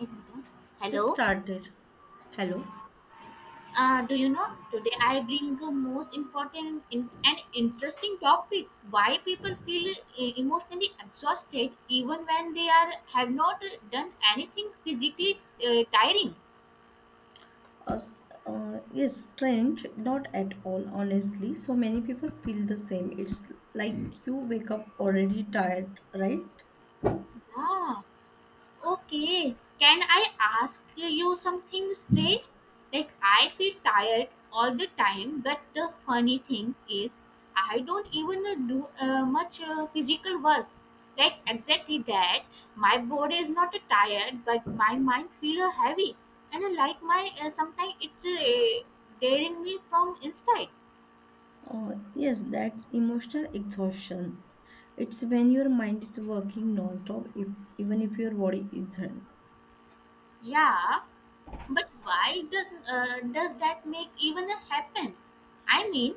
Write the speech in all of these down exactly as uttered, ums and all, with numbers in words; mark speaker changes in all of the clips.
Speaker 1: Mhm.
Speaker 2: It
Speaker 1: Hello.
Speaker 2: started. Hello.
Speaker 1: Uh, do you know today I bring the most important in- and interesting topic: why people feel e- emotionally exhausted even when they are have not done anything physically uh, tiring.
Speaker 2: Uh, s- uh, yes, strange. Not at all, honestly. So many people feel the same. It's like Hmm. you wake up already tired, right?
Speaker 1: Ah, okay, can I ask you something strange? Like, I feel tired all the time, but the funny thing is, I don't even uh, do uh, much uh, physical work. Like, exactly that. My body is not uh, tired, but my mind feels uh, heavy. And uh, like my, uh, sometimes it's uh, daring me from inside.
Speaker 2: Uh, yes, that's emotional exhaustion. It's when your mind is working non-stop, if, even if your body isn't.
Speaker 1: Yeah. But why does uh, does that make even a happen? I mean,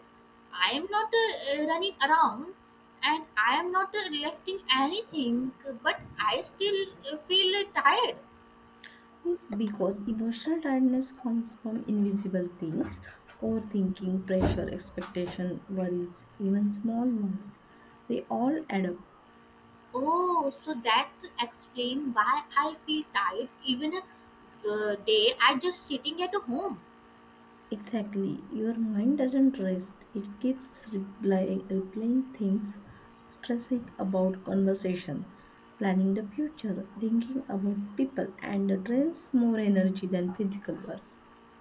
Speaker 1: I am not uh, running around, and I am not uh, reacting anything, but I still uh, feel uh, tired.
Speaker 2: Yes, because emotional tiredness comes from invisible things: overthinking, pressure, expectation, worries, even small ones. They all add up.
Speaker 1: Oh, so that explains why I feel tired even a uh, day I just sitting at home.
Speaker 2: Exactly. Your mind doesn't rest. It keeps reply, replaying things, stressing about conversation, planning the future, thinking about people, and drains more energy than physical work.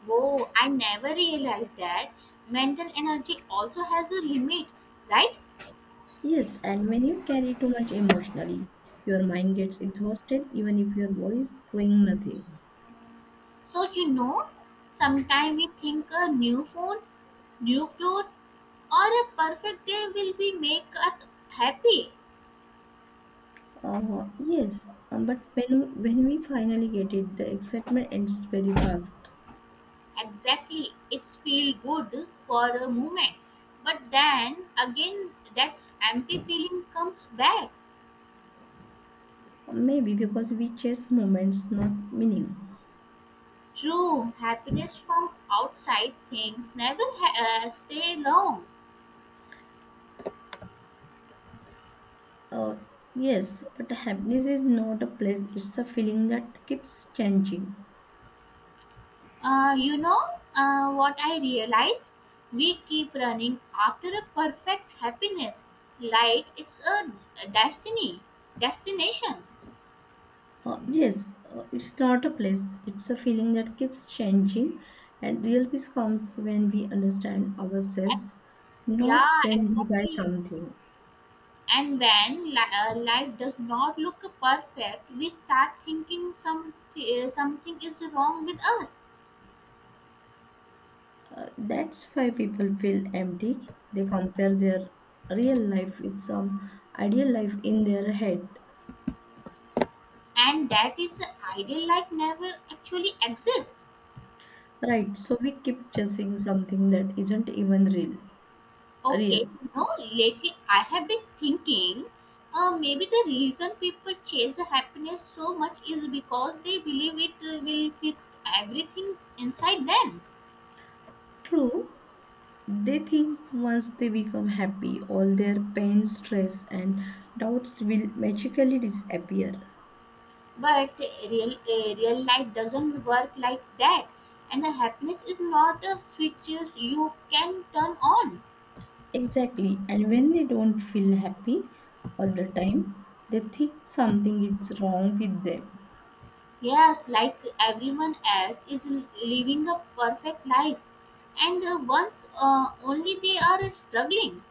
Speaker 1: Whoa, I never realized that mental energy also has a limit, right?
Speaker 2: Yes, and when you carry too much emotionally, your mind gets exhausted even if your body is doing nothing.
Speaker 1: So you know, sometimes we think a new phone, new clothes, or a perfect day will be make us happy.
Speaker 2: Uh, yes, um, but when when we finally get it, the excitement ends very fast.
Speaker 1: Exactly, it's feel good for a moment, but then again, that empty feeling comes back.
Speaker 2: Maybe because we chase moments, not meaning.
Speaker 1: True happiness from outside things never ha- uh, stay long.
Speaker 2: Uh, yes, but happiness is not a place, it's a feeling that keeps changing.
Speaker 1: Uh, you know uh, what I realized, we keep running after a perfect happiness like it's a destiny destination.
Speaker 2: Uh, yes, uh, it's not a place, it's a feeling that keeps changing. And real peace comes when we understand
Speaker 1: And
Speaker 2: ourselves, not
Speaker 1: yeah,
Speaker 2: when we buy
Speaker 1: exactly.
Speaker 2: something.
Speaker 1: And when li- uh, life does not look perfect, we start thinking some uh, something is wrong with us,
Speaker 2: Uh, that's why people feel empty. They compare their real life with some ideal life in their head.
Speaker 1: and that is the ideal life never actually exists.
Speaker 2: Right, so we keep chasing something that isn't even real.
Speaker 1: Okay,
Speaker 2: Real.
Speaker 1: you know, lately I have been thinking, uh, maybe the reason people chase happiness so much is because they believe it uh, will fix everything inside them.
Speaker 2: True. They think once they become happy, all their pain, stress, and doubts will magically disappear.
Speaker 1: But real uh, real life doesn't work like that, and the happiness is not a switch you can turn on.
Speaker 2: Exactly. And when they don't feel happy all the time, they think something is wrong with them.
Speaker 1: Yes, like everyone else is living a perfect life, and uh, once uh, only they are struggling.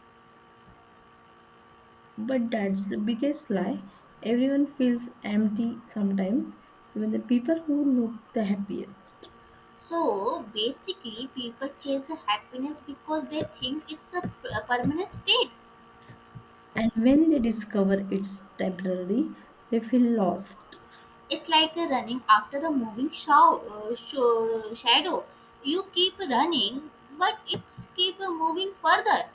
Speaker 2: But that's the biggest lie. Everyone feels empty sometimes, even the people who look the happiest.
Speaker 1: So basically, people chase happiness because they think it's a p- a permanent state.
Speaker 2: And when they discover it's temporary, they feel lost.
Speaker 1: It's like a running after a moving shaw, uh, sho- shadow. You keep running, but it keep moving further.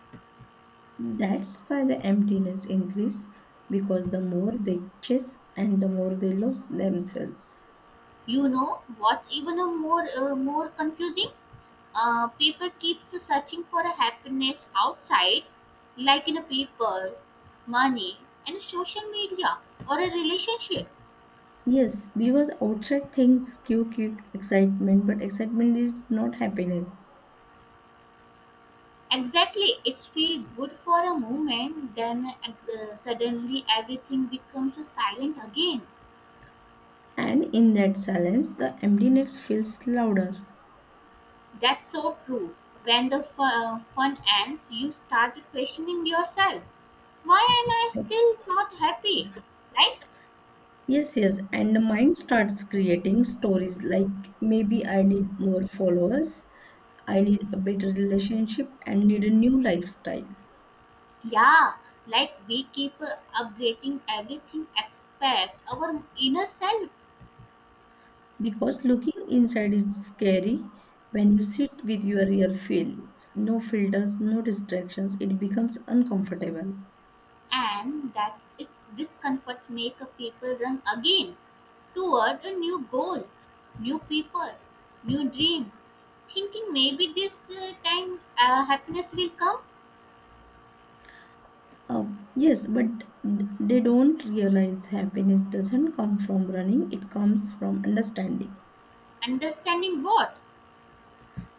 Speaker 2: That's why the emptiness increase, because the more they chase, and the more they lose themselves.
Speaker 1: You know what's even a more uh, more confusing? Uh, people keeps searching for a happiness outside, like in a people, money, and social media or a relationship.
Speaker 2: Yes, because outside things give quick excitement, but excitement is not happiness.
Speaker 1: Exactly, it's feel good for a moment, then uh, suddenly everything becomes silent again.
Speaker 2: And in that silence, the emptiness feels louder.
Speaker 1: That's so true. When the fu- uh, fun ends, you start questioning yourself. Why am I still not happy? Right?
Speaker 2: Yes, yes, and the mind starts creating stories like maybe I need more followers, I need a better relationship, and need a new lifestyle.
Speaker 1: Yeah, like we keep uh, upgrading everything except our inner self,
Speaker 2: Because looking inside is scary. When you sit with your real feelings, no filters, no distractions, it becomes uncomfortable.
Speaker 1: and that it, discomforts make a people run again toward a new goal, new people, new dream. Thinking maybe this uh, time uh, happiness will come.
Speaker 2: Uh, yes, but they don't realize happiness doesn't come from running, it comes from understanding.
Speaker 1: Understanding what?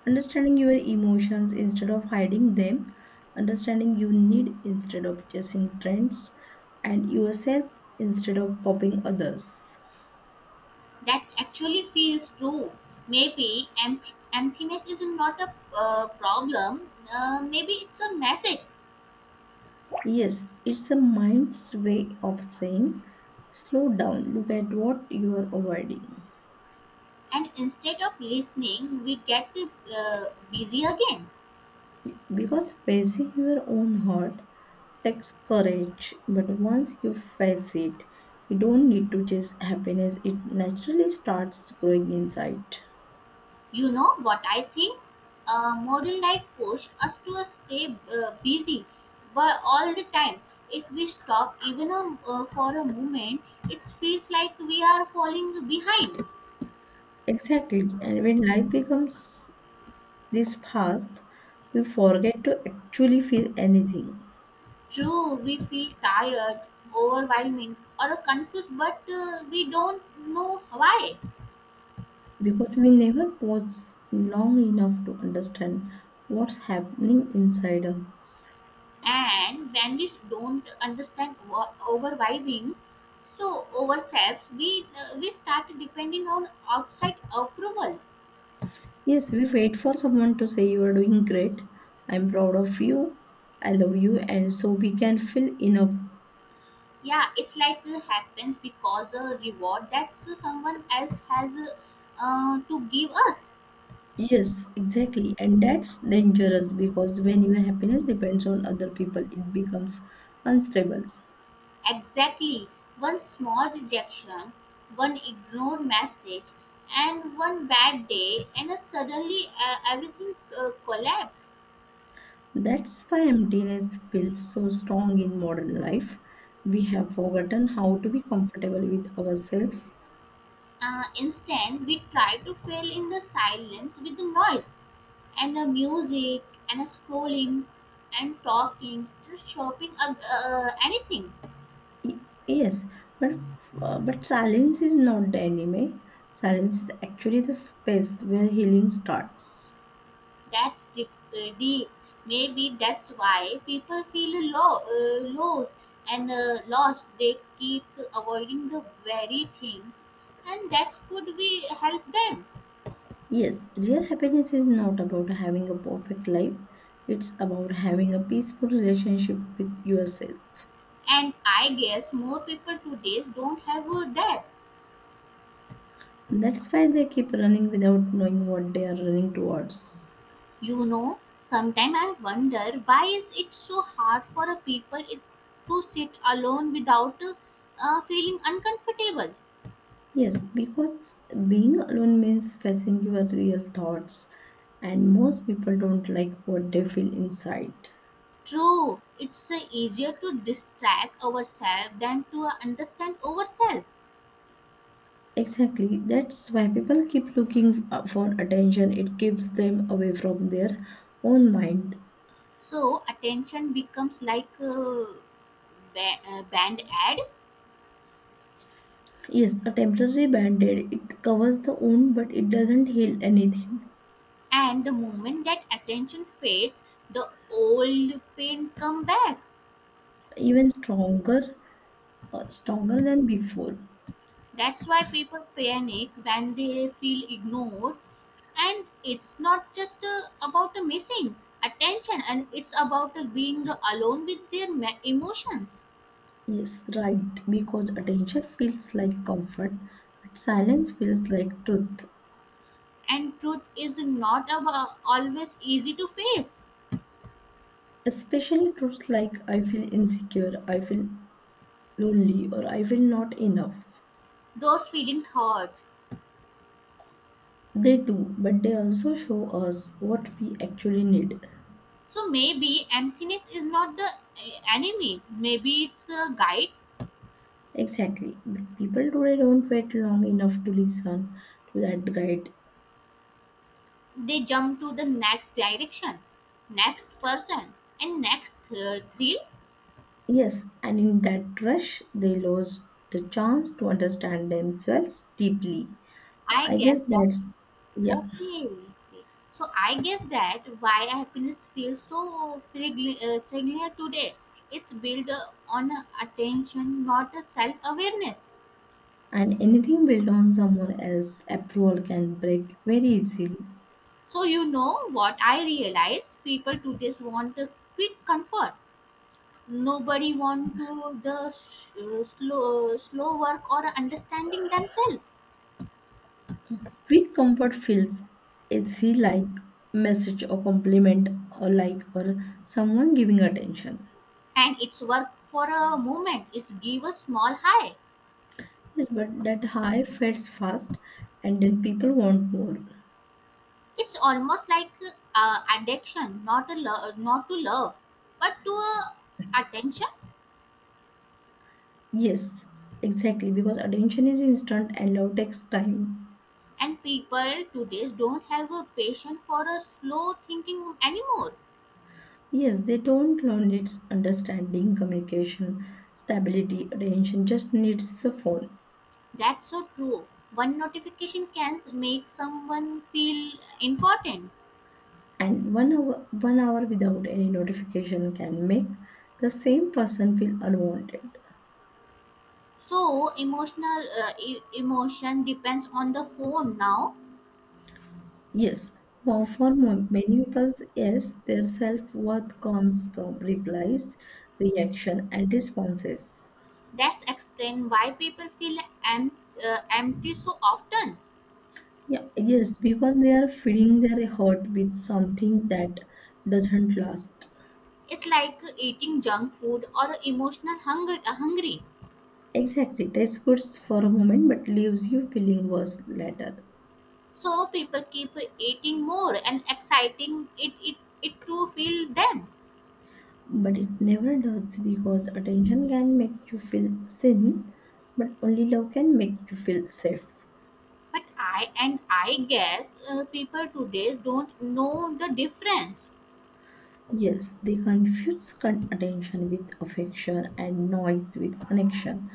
Speaker 2: Understanding your emotions instead of hiding them, understanding you need instead of chasing trends, and yourself instead of copying others.
Speaker 1: That actually feels true. Maybe empt- emptiness is not a uh, problem. Uh, maybe it's a message.
Speaker 2: Yes, it's a mind's way of saying, slow down, look at what you are avoiding.
Speaker 1: And instead of listening, we get uh, busy again.
Speaker 2: Because facing your own heart takes courage, but once you face it, you don't need to chase happiness, it naturally starts growing inside.
Speaker 1: You know what I think? Uh, modern life pushes us to uh, stay uh, busy but all the time. If we stop even a, uh, for a moment, it feels like we are falling behind.
Speaker 2: Exactly, and when life becomes this fast, we forget to actually feel anything.
Speaker 1: True, we feel tired, overwhelming, or confused, but uh, we don't know why.
Speaker 2: Because we never pause long enough to understand what's happening inside us.
Speaker 1: And when we don't understand wha- overwhelming, so ourselves, we uh, we start depending on outside approval.
Speaker 2: Yes, we wait for someone to say you are doing great, I'm proud of you, I love you, and so we can feel enough.
Speaker 1: Yeah, it's like uh, happens because a reward that someone else has uh, uh, to give us.
Speaker 2: Yes, exactly, and that's dangerous because when your happiness depends on other people, it becomes unstable.
Speaker 1: Exactly. One small rejection, one ignored message, and one bad day, and uh, suddenly uh, everything uh, collapses.
Speaker 2: That's why emptiness feels so strong in modern life. We have forgotten how to be comfortable with ourselves.
Speaker 1: Uh, instead, we try to fill in the silence with the noise and the music and uh, scrolling and talking and shopping, uh, uh, anything.
Speaker 2: Yes, but uh, but silence is not the enemy. Silence is actually the space where healing starts.
Speaker 1: That's deep. Uh, deep. Maybe that's why people feel low, uh, lost and uh, lost. They keep avoiding the very thing, and that could be help them.
Speaker 2: Yes, real happiness is not about having a perfect life. It's about having a peaceful relationship with yourself.
Speaker 1: And I guess more people today don't have uh, that.
Speaker 2: That's why they keep running without knowing what they are running towards.
Speaker 1: You know, sometimes I wonder why is it so hard for a people it, to sit alone without uh, uh, feeling uncomfortable.
Speaker 2: Yes, because being alone means facing your real thoughts, and most people don't like what they feel inside.
Speaker 1: True, it's uh, easier to distract ourselves than to uh, understand ourselves.
Speaker 2: Exactly. That's why people keep looking f- for attention. It keeps them away from their own mind.
Speaker 1: So attention becomes like a ba- uh, band aid,
Speaker 2: Yes, a temporary band-aid. It covers the wound, but it doesn't heal anything.
Speaker 1: and the moment that attention fades, the old pain come back.
Speaker 2: Even stronger, uh, stronger than before.
Speaker 1: That's why people panic when they feel ignored, and it's not just uh, about uh, missing attention, and it's about uh, being alone with their ma- emotions.
Speaker 2: Yes, right. Because attention feels like comfort, but silence feels like truth.
Speaker 1: And truth is not ab- always easy to face.
Speaker 2: Especially truths like I feel insecure, I feel lonely, or I feel not enough.
Speaker 1: Those feelings hurt.
Speaker 2: They do, but they also show us what we actually need.
Speaker 1: So maybe emptiness is not the eh, enemy. Maybe it's a guide.
Speaker 2: Exactly. But people today don't wait long enough to listen to that guide.
Speaker 1: They jump to the next direction, next person, and next uh, thrill.
Speaker 2: Yes, and in that rush, they lose the chance to understand themselves deeply.
Speaker 1: I
Speaker 2: I
Speaker 1: guess
Speaker 2: guess
Speaker 1: that's
Speaker 2: that's, yeah.
Speaker 1: okay. So I guess that why happiness feels so fragile uh, fragile today. It's built uh, on attention, not a self-awareness.
Speaker 2: And anything built on someone else's approval can break very easily.
Speaker 1: So, you know what I realized? People today want a quick comfort. Nobody want to the s- uh, slow, slow work or understanding themselves.
Speaker 2: Quick comfort feels easy, like message or compliment or like or someone giving attention.
Speaker 1: And it's work for a moment. It's give a small high.
Speaker 2: Yes, but that high fades fast and then people want more.
Speaker 1: It's almost like uh, addiction, not a lo- not to love, but to uh, attention.
Speaker 2: Yes, exactly, because attention is instant and love takes time.
Speaker 1: And people today don't have a patience for a slow thinking anymore.
Speaker 2: Yes, they don't learn its understanding, communication, stability, attention, just needs a phone.
Speaker 1: That's so true. One notification can make someone feel important.
Speaker 2: And one hour, one hour without any notification can make the same person feel unwanted.
Speaker 1: So emotional uh, e- emotion depends on the phone now.
Speaker 2: Yes, for for mo- many people, yes, their self worth comes from replies, reaction, and responses.
Speaker 1: That's explain why people feel em- uh, empty so often.
Speaker 2: Yeah, yes, because they are feeding their heart with something that doesn't last.
Speaker 1: It's like eating junk food or emotional hunger uh, hungry.
Speaker 2: Exactly, tastes good for a moment but leaves you feeling worse later.
Speaker 1: So people keep eating more and exciting it it, it to feel them.
Speaker 2: But it never does, because attention can make you feel seen, but only love can make you feel safe.
Speaker 1: But I and I guess uh, people today don't know the difference.
Speaker 2: Yes, they confuse con- attention with affection and noise with connection.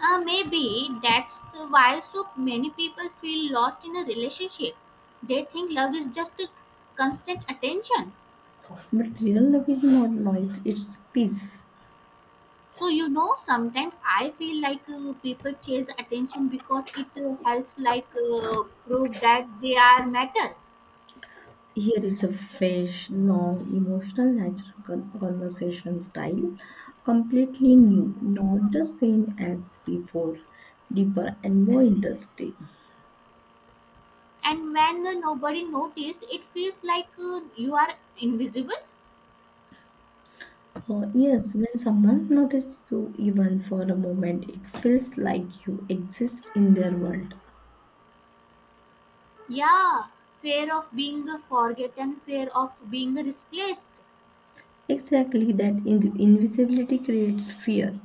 Speaker 1: Uh, maybe that's the why so many people feel lost in a relationship. They think love is just a constant attention.
Speaker 2: But real love is not noise, it's peace.
Speaker 1: So, you know, sometimes I feel like uh, people chase attention because it uh, helps, like, uh, prove that they are matter.
Speaker 2: Here is a fresh, long, emotional, natural con- conversation style, completely new, not the same as before, deeper and more interesting.
Speaker 1: And when uh, nobody notice, it feels like uh, you are invisible.
Speaker 2: Uh, yes, when someone notices you even for a moment, it feels like you exist in their world.
Speaker 1: Yeah, fear of being forgotten, fear of being replaced.
Speaker 2: Exactly, that in- invisibility creates fear.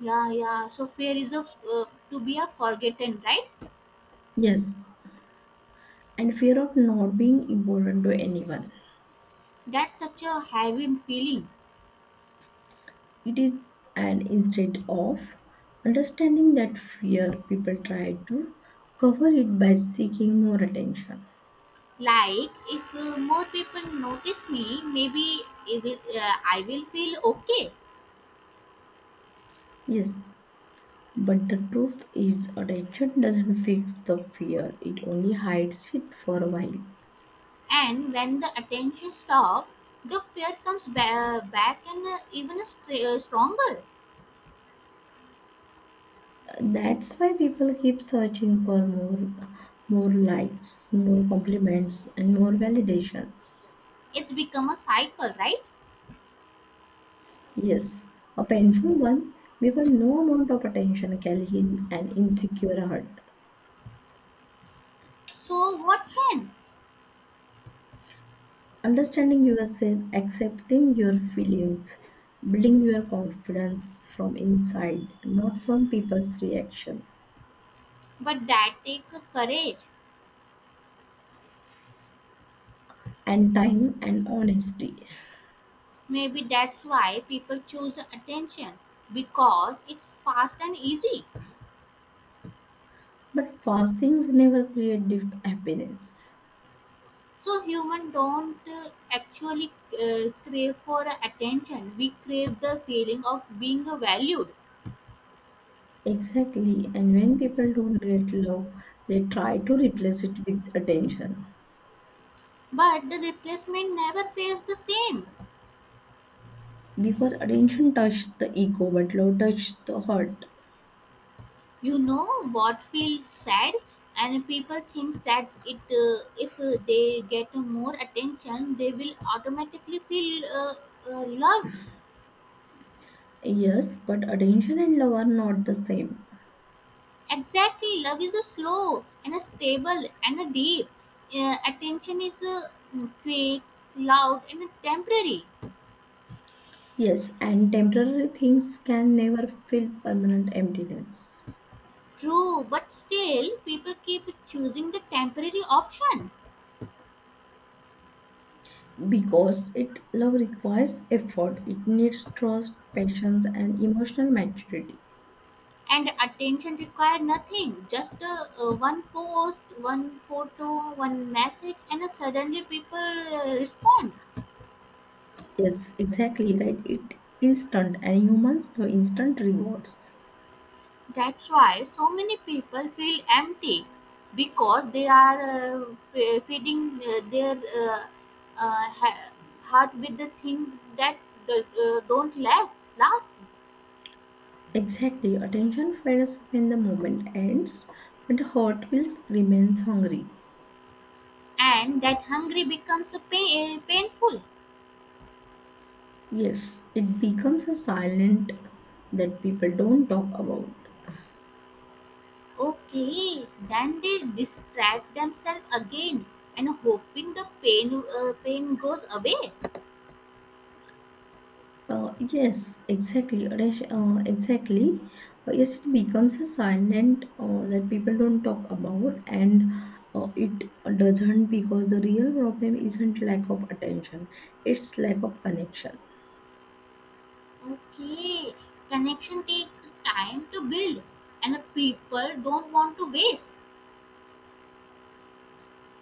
Speaker 1: Yeah, yeah. So, fear is of uh, to be a forgotten, right?
Speaker 2: Yes, and fear of not being important to anyone.
Speaker 1: That's such a heavy feeling.
Speaker 2: It is an instead of understanding that fear, people try to cover it by seeking more attention.
Speaker 1: Like if uh, more people notice me, maybe it will, uh, I will feel okay.
Speaker 2: Yes, but the truth is, attention doesn't fix the fear, it only hides it for a while.
Speaker 1: And when the attention stops, the fear comes ba- back and uh, even str- uh, stronger.
Speaker 2: That's why people keep searching for more, more likes, more compliments, and more validations.
Speaker 1: It's become a cycle, right?
Speaker 2: Yes, a painful one because no amount of attention can heal an insecure heart.
Speaker 1: So what can?
Speaker 2: Understanding yourself, accepting your feelings, building your confidence from inside, not from people's reaction,
Speaker 1: But that takes courage.
Speaker 2: and time and honesty.
Speaker 1: Maybe that's why people choose attention because it's fast and easy.
Speaker 2: But fastings never create deep happiness.
Speaker 1: So human don't uh, actually uh, crave for attention. We crave the feeling of being valued.
Speaker 2: Exactly, and when people don't get love, they try to replace it with attention.
Speaker 1: But the replacement never feels the same.
Speaker 2: Because attention touches the ego, but love touches the heart.
Speaker 1: You know what feels sad, and people think that it uh, if uh, they get more attention, they will automatically feel uh, uh, loved.
Speaker 2: Yes, but attention and love are not the same.
Speaker 1: Exactly, love is a slow and a stable and a deep. Uh, attention is uh, quick, loud, and temporary.
Speaker 2: Yes, and temporary things can never fill permanent emptiness,
Speaker 1: True, but still, people keep choosing the temporary option,
Speaker 2: because it love requires effort. It needs trust, patience, and emotional maturity.
Speaker 1: and attention require nothing. Just uh, uh, one post, one photo, one message, and uh, suddenly people uh, respond.
Speaker 2: Yes, exactly right. It instant and humans love instant rewards.
Speaker 1: That's why so many people feel empty because they are uh, fe- feeding uh, their uh, uh, ha- heart with the thing that do- uh, don't last, last,
Speaker 2: Exactly, attention fades when the moment ends, but the heart will remains hungry.
Speaker 1: and that hungry becomes a pain, painful.
Speaker 2: Yes, it becomes a silent that people don't talk about.
Speaker 1: Okay, then they distract themselves again and hoping the pain uh, pain goes away.
Speaker 2: Uh, yes, exactly. Rash- Uh, exactly. Uh, yes, it becomes a silent uh, that people don't talk about, and uh, it doesn't, because the real problem isn't lack of attention, it's lack of connection.
Speaker 1: Okay, connection take time to build, and people don't want to waste.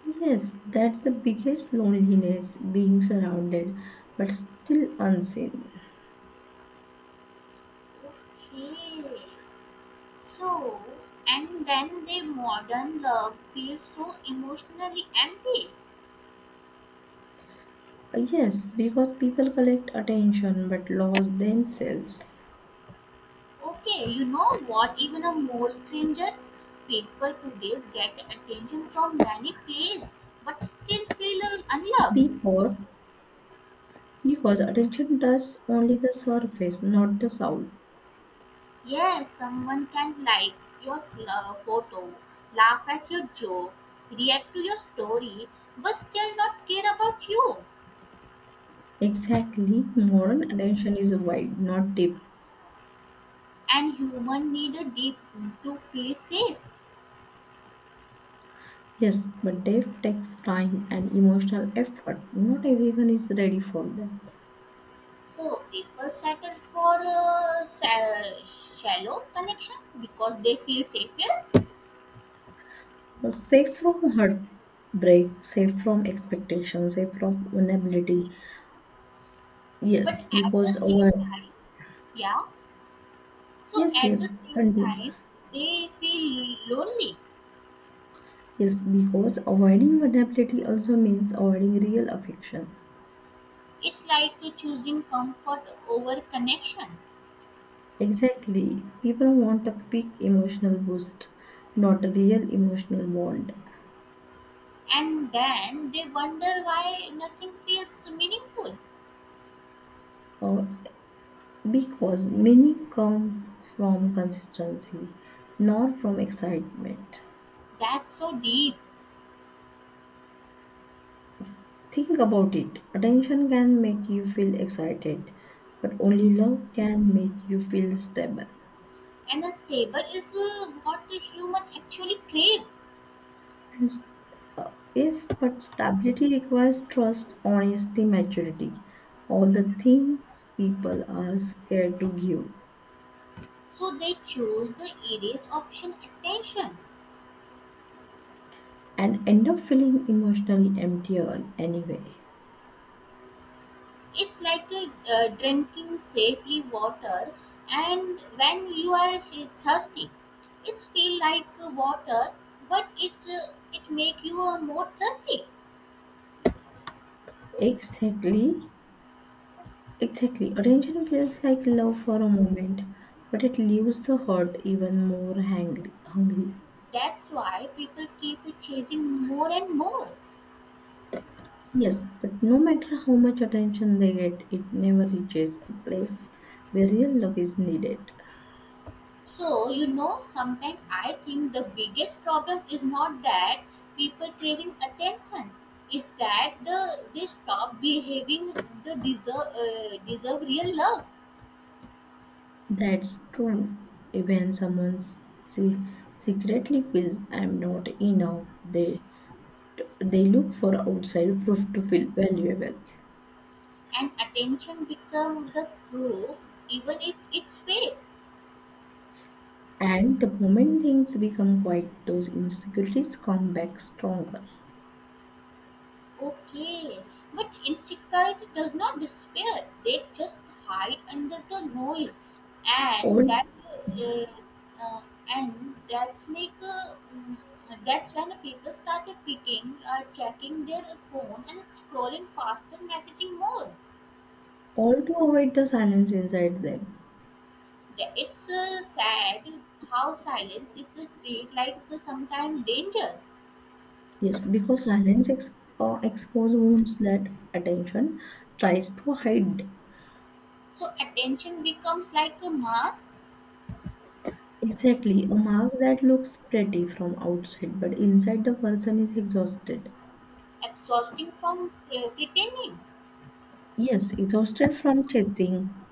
Speaker 2: Yes, that's the biggest loneliness, being surrounded but still unseen.
Speaker 1: Okay, so and then the modern love feels so emotionally empty.
Speaker 2: Uh, Yes, because people collect attention but lost themselves.
Speaker 1: Okay, you know what? Even a more stranger, people today get attention from many places, but still feel unloved.
Speaker 2: Because because attention does only the surface, not the soul.
Speaker 1: Yes, someone can like your fl- uh, photo, laugh at your joke, react to your story, but still not care about you.
Speaker 2: Exactly, moral attention is wide, not deep.
Speaker 1: And human need a deep to feel safe.
Speaker 2: Yes, but depth takes time and emotional effort. Not everyone is ready for that.
Speaker 1: So people settle for a sa- shallow connection because they feel safer.
Speaker 2: Uh, Safe from heartbreak, safe from expectations, safe from vulnerability.
Speaker 1: But
Speaker 2: Yes,
Speaker 1: at the
Speaker 2: because our
Speaker 1: same time, yeah. So
Speaker 2: yes,
Speaker 1: at the
Speaker 2: yes,
Speaker 1: same
Speaker 2: continue.
Speaker 1: time, they feel lonely.
Speaker 2: Yes, because avoiding vulnerability also means avoiding real affection.
Speaker 1: It's like choosing comfort over connection.
Speaker 2: Exactly, people want a quick emotional boost, not a real emotional bond.
Speaker 1: And then they wonder why nothing feels meaningful.
Speaker 2: Uh, Because many come from consistency, not from excitement.
Speaker 1: That's so deep.
Speaker 2: Think about it, attention can make you feel excited, but only love can make you feel stable.
Speaker 1: And a stable is uh, what the human actually crave.
Speaker 2: And s- uh, yes, but stability requires trust, honesty, maturity. All the things people are scared to give
Speaker 1: So they choose the easiest option attention.
Speaker 2: and end up feeling emotionally empty on anyway.
Speaker 1: It's like uh, uh, drinking safely water and when you are uh, thirsty. It's feel like uh, water but it's uh, it make you uh, more thirsty.
Speaker 2: Exactly. Exactly. Attention feels like love for a moment, but it leaves the hurt even more hangry, hungry.
Speaker 1: That's why people keep chasing more and more.
Speaker 2: Yes, but no matter how much attention they get, it never reaches the place where real love is needed.
Speaker 1: So, you know, sometimes I think the biggest problem is not that people craving attention, is that the they stop behaving the deserve uh, deserve real love
Speaker 2: That's true. Even someone se- secretly feels I'm not enough, they they look for outside proof to feel valuable.
Speaker 1: and attention become the proof, even if it's fake.
Speaker 2: And the moment things become quiet, those insecurities come back stronger.
Speaker 1: Okay, but insecurity does not disappear. They just hide under the noise, and
Speaker 2: Old
Speaker 1: that uh, uh, and that's make uh, mm, that's when people started picking, uh, checking their phone and scrolling faster, messaging more.
Speaker 2: all to avoid the silence inside them.
Speaker 1: The- It's uh, sad how silence is a treat like uh, sometimes danger.
Speaker 2: Yes, because silence ex- uh, exposes wounds that attention tries to hide.
Speaker 1: So attention becomes like a mask,
Speaker 2: Exactly, a mask that looks pretty from outside, but inside the person is exhausted.
Speaker 1: exhausting from uh, pretending.
Speaker 2: Yes, exhausted from chasing.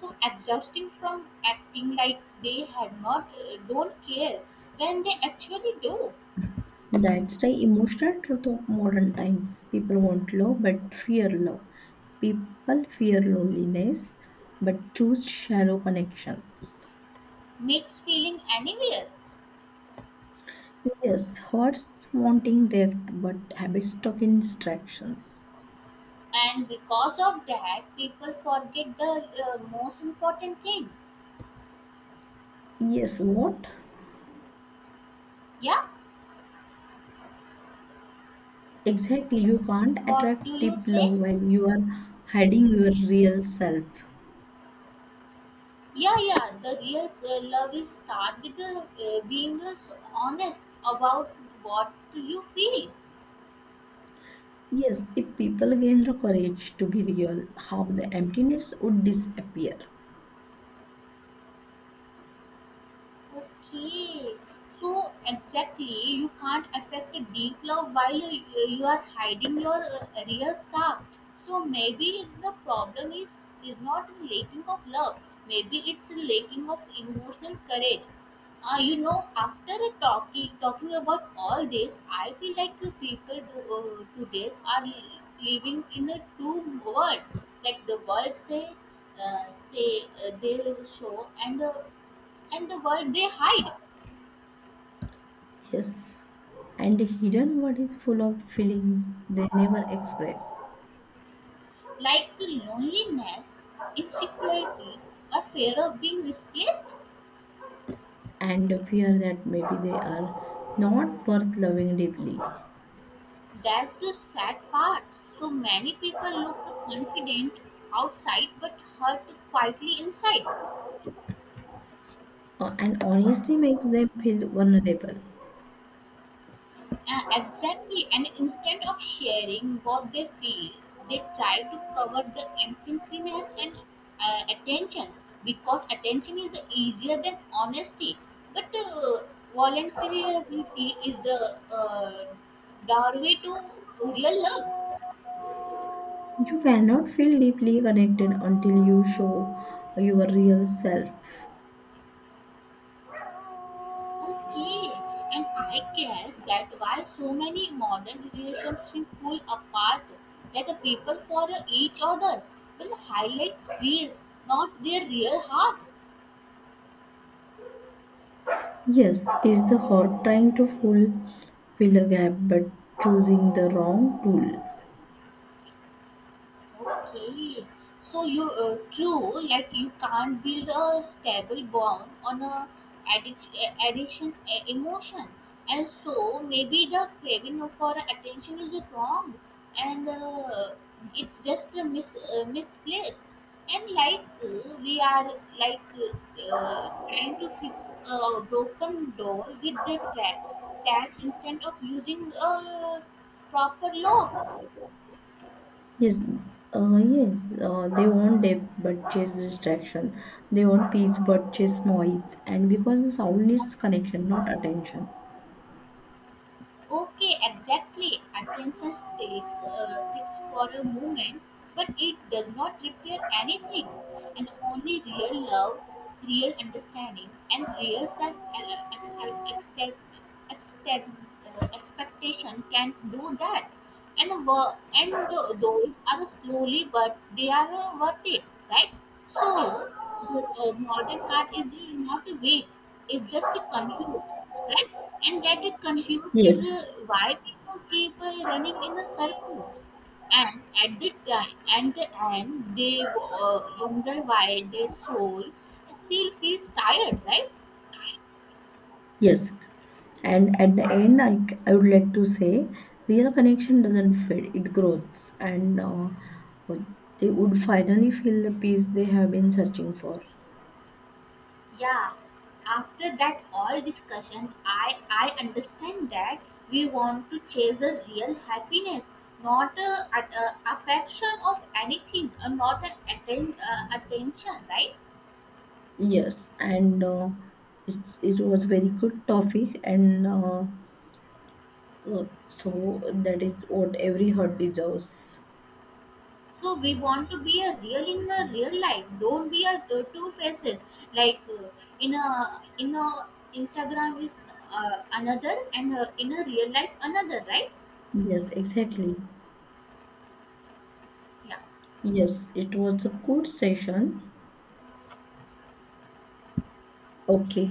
Speaker 1: So exhausting from acting like they have not uh, don't care when they actually do
Speaker 2: That's the emotional truth of modern times. People want love but fear love. People fear loneliness but choose shallow connections.
Speaker 1: makes feeling anywhere
Speaker 2: Yes, hearts wanting depth, but habits stuck in distractions.
Speaker 1: and because of that people forget the uh, most important thing.
Speaker 2: Yes, what?
Speaker 1: Yeah,
Speaker 2: Exactly, you can't
Speaker 1: what
Speaker 2: attract
Speaker 1: do you
Speaker 2: deep
Speaker 1: say?
Speaker 2: love while you are hiding your real self.
Speaker 1: Yeah, yeah, the real uh, love is start with uh, uh, being uh, honest about what you feel.
Speaker 2: Yes, if people gain the courage to be real, half the emptiness would disappear.
Speaker 1: Okay, so exactly, you can't affect a deep love while you, you are hiding your uh, real stuff. So maybe the problem is is not in lacking of love. Maybe it's in lacking of emotional courage. Uh, you know, after a talking talking about all this, I feel like the people do, uh, today are li- living in a two world. Like the world say, uh, say uh, they show and uh, and the world they hide,
Speaker 2: Yes, and the hidden world is full of feelings they never express,
Speaker 1: like loneliness, insecurity, or fear of being replaced.
Speaker 2: and the fear that maybe they are not worth loving deeply.
Speaker 1: That's the sad part. So many people look confident outside but hurt quietly inside.
Speaker 2: Uh, and honestly makes them feel vulnerable.
Speaker 1: Uh, exactly, and instead of sharing what they feel, they try to cover the emptiness and uh, attention because attention is easier than honesty. But uh, voluntarily is the uh, doorway to real love.
Speaker 2: You cannot feel deeply connected until you show your real self.
Speaker 1: Okay, and I guess that why so many modern relationships fall apart, like the people for each other will highlight reels, not their real heart.
Speaker 2: Yes, it's the hard trying to full fill a gap but choosing the wrong tool.
Speaker 1: Okay, so you uh, true like you can't build a stable bond on a addic- a- addiction a- emotion, and so maybe the craving for attention is wrong, and uh, it's just a mis uh, misplaced. And like uh, we are like uh, uh, trying to fix a broken door with the tap tap instead of using a proper lock.
Speaker 2: Yes, uh, yes, uh, they want depth but chase distraction. They want peace but chase noise. And because the soul needs connection, not attention.
Speaker 1: Okay, exactly. Attention sticks, uh, sticks for a moment, but it does not repair anything. And only real love, real understanding, and real self uh, excel- expe- extend- uh, expectation can do that and work and tho- those are slowly but they are uh, worth it, right? So the uh, modern art is not weak, it's just confused, right? And that is confused is uh,
Speaker 2: Yes.
Speaker 1: why people keep uh, running in a circle, and at the time and the end they uh, wonder why their soul still feels tired, right?
Speaker 2: Yes, and at the end, I, I would like to say real connection doesn't fade, it grows, and uh, uh, they would finally feel the peace they have been searching for.
Speaker 1: Yeah, after that all discussion, I I understand that we want to chase a real happiness, not a, a, a affection of anything, or not an atten, uh, attention, right?
Speaker 2: Yes, and uh, it's, it was very good topic, and uh, uh, so that is what every heart deserves.
Speaker 1: So we want to be a real in a real life. Don't be a two, two faces like uh, in a in a Instagram is uh, another and uh, in a real life another, right?
Speaker 2: Yes, exactly.
Speaker 1: Yeah.
Speaker 2: Yes, it was a good session. Okay.